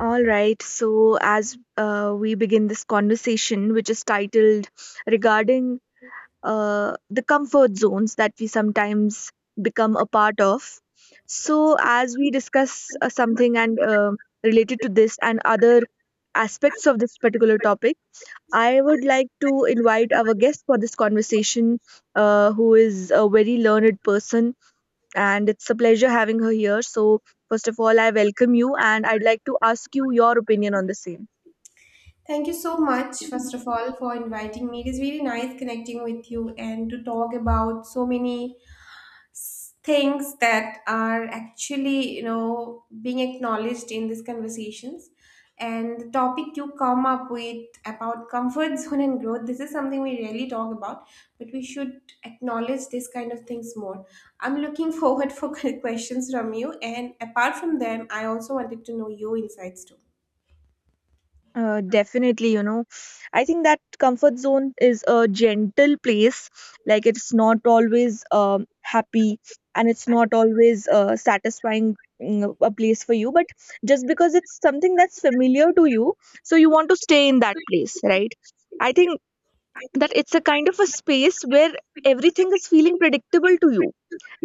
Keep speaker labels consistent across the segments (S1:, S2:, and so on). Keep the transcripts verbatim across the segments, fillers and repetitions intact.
S1: All right. So, as uh, we begin this conversation, which is titled regarding uh, the comfort zones that we sometimes become a part of. So, as we discuss uh, something and uh, related to this and other aspects of this particular topic, I would like to invite our guest for this conversation, uh, who is a very learned person and it's a pleasure having her here. So, first of all, I welcome you and I'd like to ask you your opinion on the same.
S2: Thank you so much, first of all, for inviting me. It is really nice connecting with you and to talk about so many s- things that are actually, you know, being acknowledged in these conversations. And the topic you come up with about comfort zone and growth, this is something we rarely talk about, but we should acknowledge this kind of things more. I'm looking forward for questions from you, and apart from them, I also wanted to know your insights too.
S1: Uh, definitely, you know, I think that comfort zone is a gentle place. Like, it's not always um, happy and it's not always uh, satisfying mm, a place for you. But just because it's something that's familiar to you, so you want to stay in that place, right? I think that it's a kind of a space where everything is feeling predictable to you,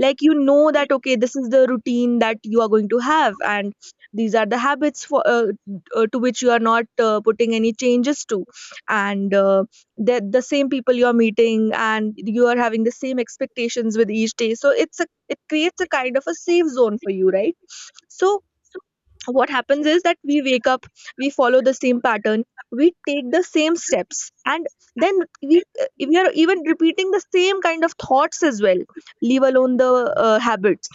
S1: like you know that okay, this is the routine that you are going to have, and these are the habits for uh, uh, to which you are not uh, putting any changes to, and uh, the the same people you are meeting and you are having the same expectations with each day. So it's a it creates a kind of a safe zone for you, right? So what happens is that we wake up, we follow the same pattern, we take the same steps, and then we uh, we are even repeating the same kind of thoughts as well, leave alone the uh, habits.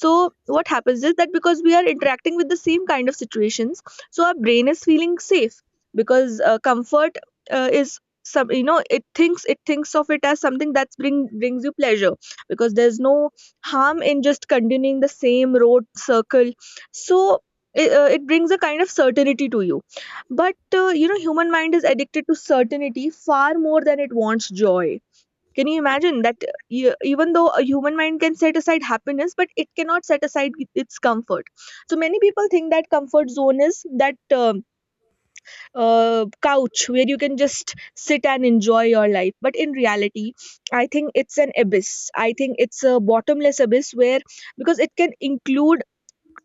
S1: So what happens is that because we are interacting with the same kind of situations, so our brain is feeling safe, because uh, comfort uh, is some you know, it thinks it thinks of it as something that bring brings you pleasure, because there's no harm in just continuing the same road circle. So it, uh, it brings a kind of certainty to you. But uh, you know, human mind is addicted to certainty far more than it wants joy. Can you imagine that uh, e- even though a human mind can set aside happiness, but it cannot set aside i- its comfort? So many people think that comfort zone is that um uh, couch where you can just sit and enjoy your life, but in reality, I think it's an abyss. I think it's a bottomless abyss, where because it can include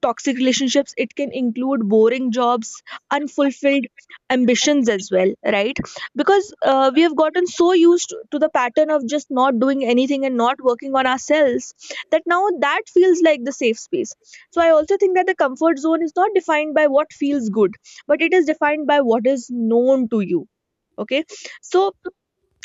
S1: toxic relationships, it can include boring jobs, unfulfilled ambitions as well, right? Because uh, we have gotten so used to the pattern of just not doing anything and not working on ourselves that now that feels like the safe space. So I also think that the comfort zone is not defined by what feels good, but it is defined by what is known to you. Okay. So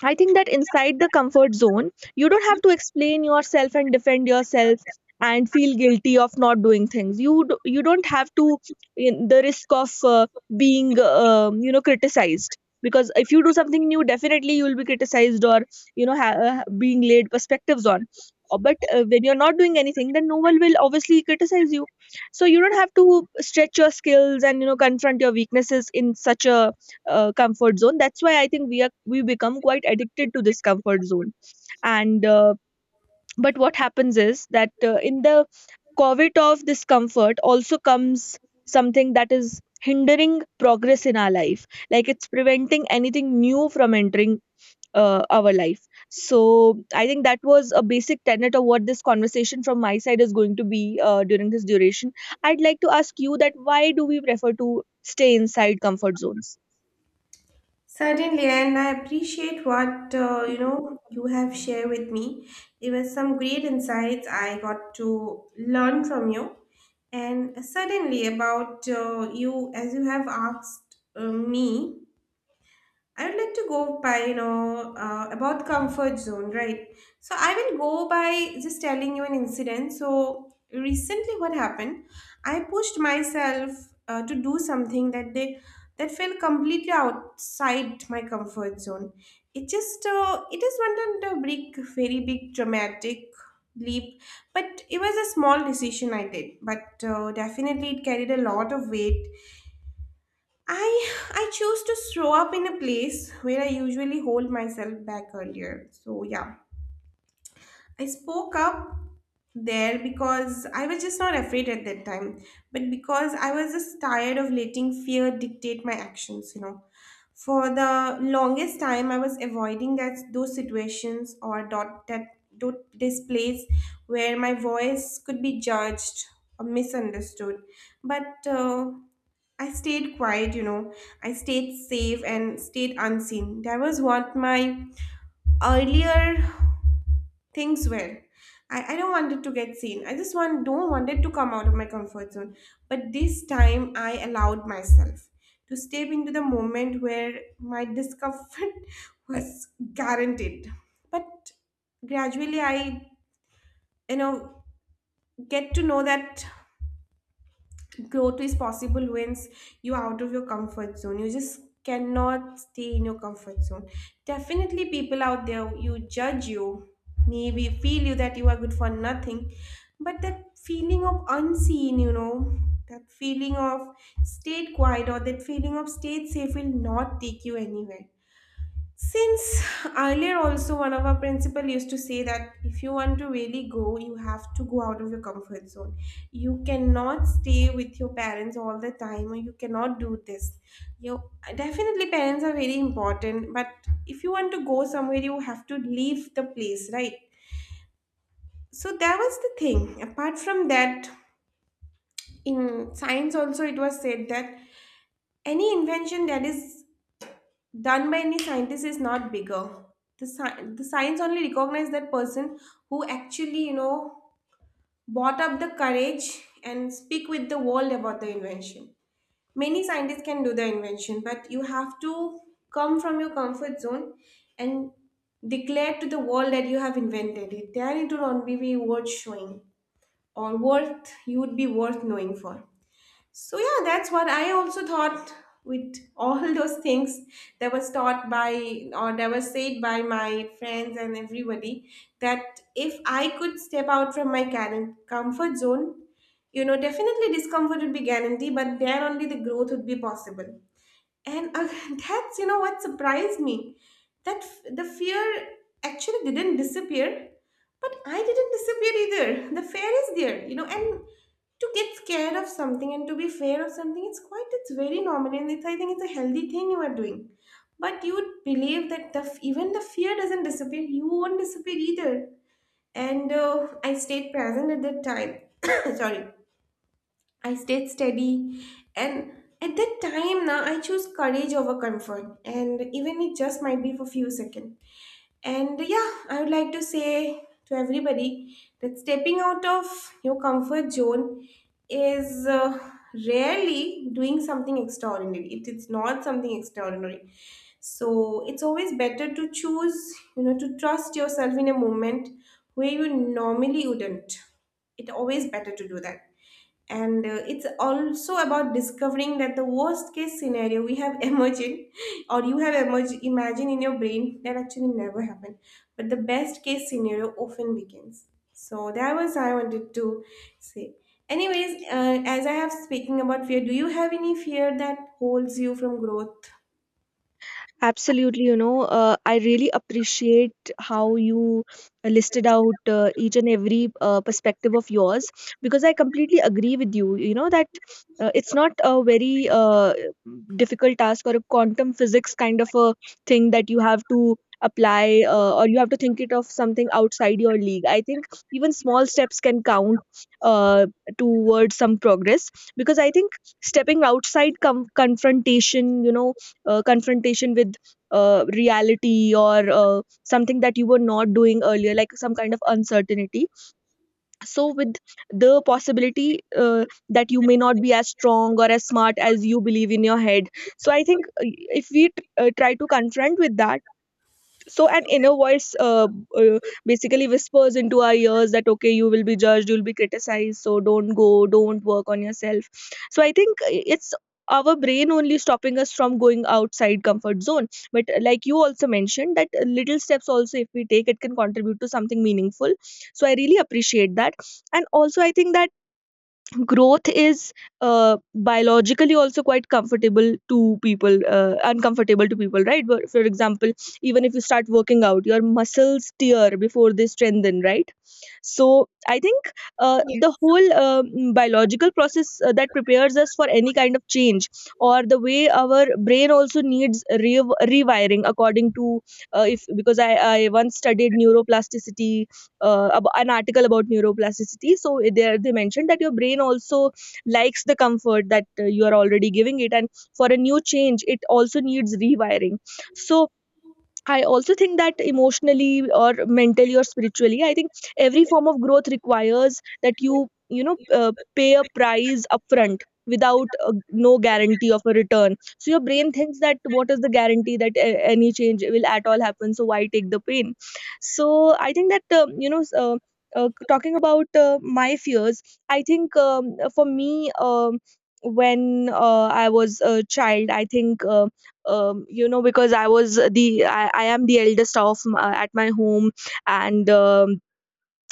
S1: I think that inside the comfort zone, you don't have to explain yourself and defend yourself and feel guilty of not doing things. You d- you don't have to, in the risk of uh, being um, you know criticized, because if you do something new, definitely you will be criticized, or you know ha- uh, being laid perspectives on. Uh, But uh, when you're not doing anything, then no one will obviously criticize you. So you don't have to stretch your skills and, you know, confront your weaknesses in such a uh, comfort zone. That's why I think we are we become quite addicted to this comfort zone. And uh, but what happens is that uh, in the covet of discomfort also comes something that is hindering progress in our life, like it's preventing anything new from entering uh, our life. So I think that was a basic tenet of what this conversation from my side is going to be uh, during this duration. I'd like to ask you that why do we prefer to stay inside comfort zones?
S2: Certainly, and I appreciate what uh, you know you have shared with me. There were some great insights I got to learn from you, and certainly about uh, you as you have asked uh, me. I would like to go by, you know, uh, about comfort zone, right? So I will go by just telling you an incident. So recently, what happened? I pushed myself uh, to do something that they that felt completely outside my comfort zone. It just uh, it is one of the big, very big dramatic leap, but it was a small decision I did, but uh, definitely it carried a lot of weight. I I chose to show up in a place where I usually hold myself back earlier. So yeah, I spoke up there because I was just not afraid at that time, but because I was just tired of letting fear dictate my actions, you know. For the longest time, I was avoiding that those situations or dot that dot this place where my voice could be judged or misunderstood. But uh, I stayed quiet, you know. I stayed safe and stayed unseen. That was what my earlier things were. I, I don't wanted to get seen. I just want don't wanted to come out of my comfort zone. But this time I allowed myself to step into the moment where my discomfort was guaranteed. But gradually I, you know, get to know that growth is possible. Once you're out of your comfort zone, you just cannot stay in your comfort zone. Definitely people out there, you judge, you maybe feel you that you are good for nothing. But that feeling of unseen, you know, that feeling of stayed quiet, or that feeling of stayed safe will not take you anywhere. Since earlier, also, one of our principal used to say that if you want to really go, you have to go out of your comfort zone. You cannot stay with your parents all the time, or you cannot do this. You definitely parents are very important, but if you want to go somewhere, you have to leave the place, right? So that was the thing. Apart from that, in science also, it was said that any invention that is done by any scientist is not bigger. The, sci- the science only recognize that person who actually, you know, brought up the courage and speak with the world about the invention. Many scientists can do the invention, but you have to come from your comfort zone and declare to the world that you have invented it. Then it will only be worth showing, or worth you would be worth knowing for. So yeah, that's what I also thought with all those things that was taught by, or that was said by my friends and everybody, that if I could step out from my current comfort zone, you know, definitely discomfort would be guaranteed, but there only the growth would be possible. And uh, that's, you know, what surprised me. That f- the fear actually didn't disappear, but I didn't disappear either. The fear is there, you know, and to get scared of something and to be fair of something, it's quite, it's very normal. And it's, I think it's a healthy thing you are doing. But you would believe that the, f- even the fear doesn't disappear, you won't disappear either. And uh, I stayed present at that time. Sorry. I stayed steady, and at that time, now I choose courage over comfort, and even it just might be for few seconds. And yeah, I would like to say to everybody that stepping out of your comfort zone is uh, rarely doing something extraordinary. It is not something extraordinary. So it's always better to choose, you know, to trust yourself in a moment where you normally wouldn't. It's always better to do that, and uh, it's also about discovering that the worst case scenario we have imagined, or you have emerg- imagined in your brain, that actually never happened, but the best case scenario often begins. So that was I wanted to say. Anyways, uh, as I have speaking about fear, do you have any fear that holds you from growth?
S1: Absolutely, you know, uh, I really appreciate how you listed out uh, each and every uh, perspective of yours, because I completely agree with you. You know, that uh, it's not a very uh, difficult task or a quantum physics kind of a thing that you have to apply, uh, or you have to think it of something outside your league. I think even small steps can count uh, towards some progress, because I think stepping outside com- confrontation, you know, uh, confrontation with uh, reality or uh, something that you were not doing earlier, like some kind of uncertainty. So with the possibility uh, that you may not be as strong or as smart as you believe in your head. So I think, uh, if we t- uh, try to confront with that. So an inner voice uh, uh, basically whispers into our ears that okay, you will be judged, you'll be criticized, so don't go, don't work on yourself. So I think uh, it's our brain only stopping us from going outside comfort zone. But uh, like you also mentioned, that uh, little steps also, if we take it, can contribute to something meaningful. So I really appreciate that. And also I think that growth is uh, biologically also quite comfortable to people, uh, uncomfortable to people, right? But for example, even if you start working out, your muscles tear before they strengthen, right? So I think uh, the whole um biological process uh, that prepares us for any kind of change, or the way our brain also needs re- rewiring according to, uh, if because I, I once studied neuroplasticity, uh, ab- an article about neuroplasticity. So there they mentioned that your brain also likes the comfort that uh, you are already giving it, and for a new change, it also needs rewiring. So I also think that emotionally or mentally or spiritually, I think every form of growth requires that you, you know, uh, pay a price upfront, without uh, no guarantee of a return. So your brain thinks that what is the guarantee that a- any change will at all happen? So why take the pain? So I think that, um, you know, s- uh, uh, talking about uh, my fears, I think um, for me, um, when uh, I was a child, I think. Um, um, you know because i was the i, I am the eldest of m- uh, at my home, and um,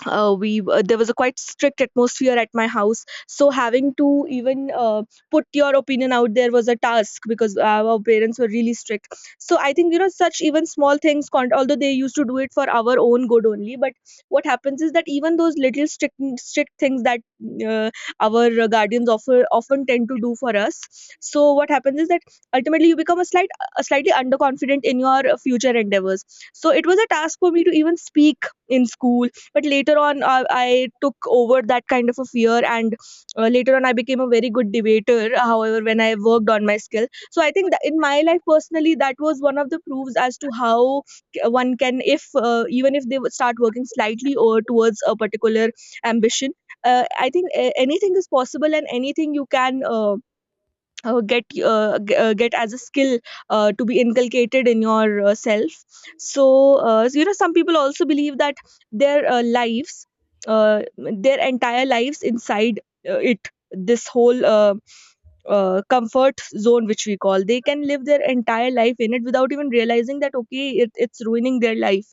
S1: uh, we uh, there was a quite strict atmosphere at my house, so having to even uh, put your opinion out there was a task, because our parents were really strict. So I think, you know, such even small things con- although they used to do it for our own good only. But what happens is that even those little strict strict things that uh, our guardians often often tend to do for us. So what happens is that ultimately you become a slight a slightly underconfident in your future endeavors. So it was a task for me to even speak in school, but later on uh, I took over that kind of a fear, and uh, later on I became a very good debater, uh, however, when I worked on my skill. So I think that in my life personally, that was one of the proofs as to how c- one can, if uh, even if they would start working slightly or towards a particular ambition. uh, I think uh, anything is possible, and anything you can uh, uh, get uh, g- uh, get as a skill uh, to be inculcated in your uh, self. So uh, so, you know, some people also believe that their uh, lives uh, their entire lives inside uh, it this whole uh, uh, comfort zone, which we call, they can live their entire life in it without even realizing that okay, it, it's ruining their life.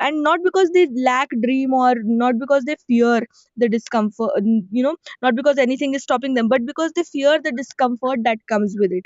S1: And not because they lack dream, or not because they fear the discomfort, you know, not because anything is stopping them, but because they fear the discomfort that comes with it.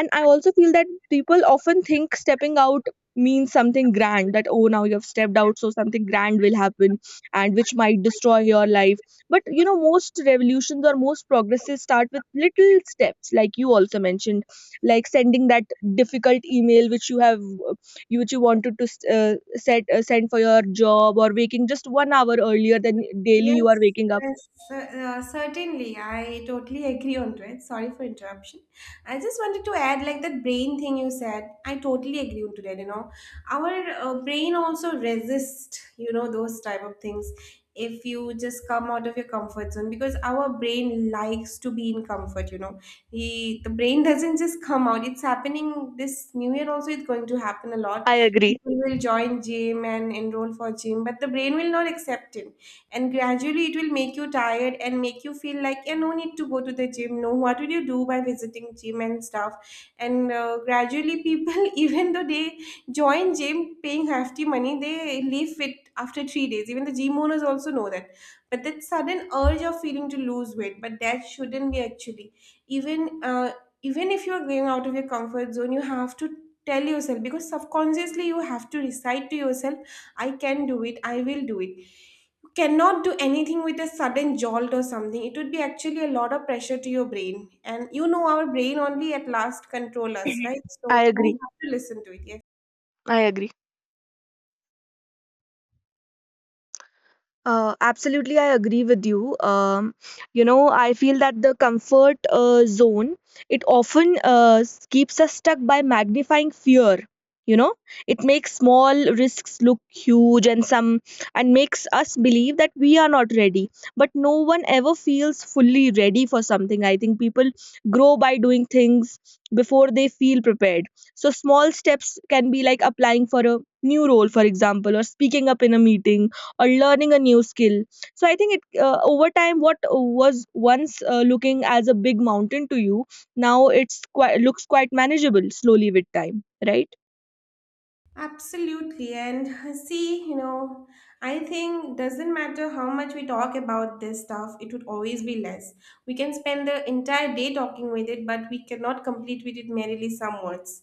S1: And I also feel that people often think stepping out means something grand, that oh, now you have stepped out, so something grand will happen and which might destroy your life. But you know, most revolutions or most progresses start with little steps, like you also mentioned, like sending that difficult email which you have uh, you which you wanted to uh, set uh, send for your job, or waking just one hour earlier than daily
S2: Yes,
S1: you are waking up.
S2: yes, cer- uh, certainly. I totally agree onto it. Sorry for interruption. I just wanted to add, like that brain thing you said. I totally agree onto that. You know, our uh, brain also resists, you know, those type of things. If you just come out of your comfort zone, because our brain likes to be in comfort. You know, he, the brain doesn't just come out. It's happening this new year also. It's going to happen a lot.
S1: I agree.
S2: People will join gym and enroll for gym, but the brain will not accept it, and gradually it will make you tired and make you feel like, yeah, no need to go to the gym. No, what will you do by visiting gym and stuff? And uh, gradually people even though they join gym paying hefty money, they leave it after three days. Even the gym owners also know that. But that sudden urge of feeling to lose weight, but that shouldn't be actually. even uh, even if you're going out of your comfort zone, you have to tell yourself, because subconsciously you have to recite to yourself, I can do it, I will do it. Cannot do anything with a sudden jolt or something. It would be actually a lot of pressure to your brain, and you know our brain only at last control us, right? So we
S1: Alegre.
S2: have to listen to it. Yes.
S1: Uh, absolutely, I agree with you. Um, you know, I feel that the comfort uh, zone, it often uh, s- keeps us stuck by magnifying fear. You know, it makes small risks look huge, and some and makes us believe that we are not ready. But no one ever feels fully ready for something. I think people grow by doing things before they feel prepared. So small steps can be like applying for a new role, for example, or speaking up in a meeting, or learning a new skill. So I think it uh, over time, what was once uh, looking as a big mountain to you, now it's quite looks quite manageable slowly with time, right?
S2: Absolutely. And uh, see, you know, I think doesn't matter how much we talk about this stuff, it would always be less. We can spend the entire day talking with it, but we cannot complete with it merely some words.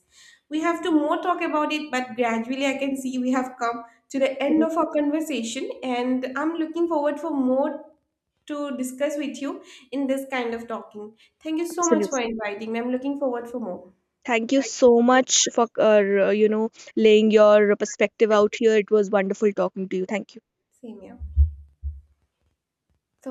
S2: We have to more talk about it, but gradually I can see we have come to the end of our conversation, and I'm looking forward for more to discuss with you in this kind of talking. Thank you so much
S1: Absolutely.
S2: for inviting me. I'm looking forward for more.
S1: Thank you so much for uh, you know, laying your perspective out here. It was wonderful talking to you. Thank you.
S2: Same here. So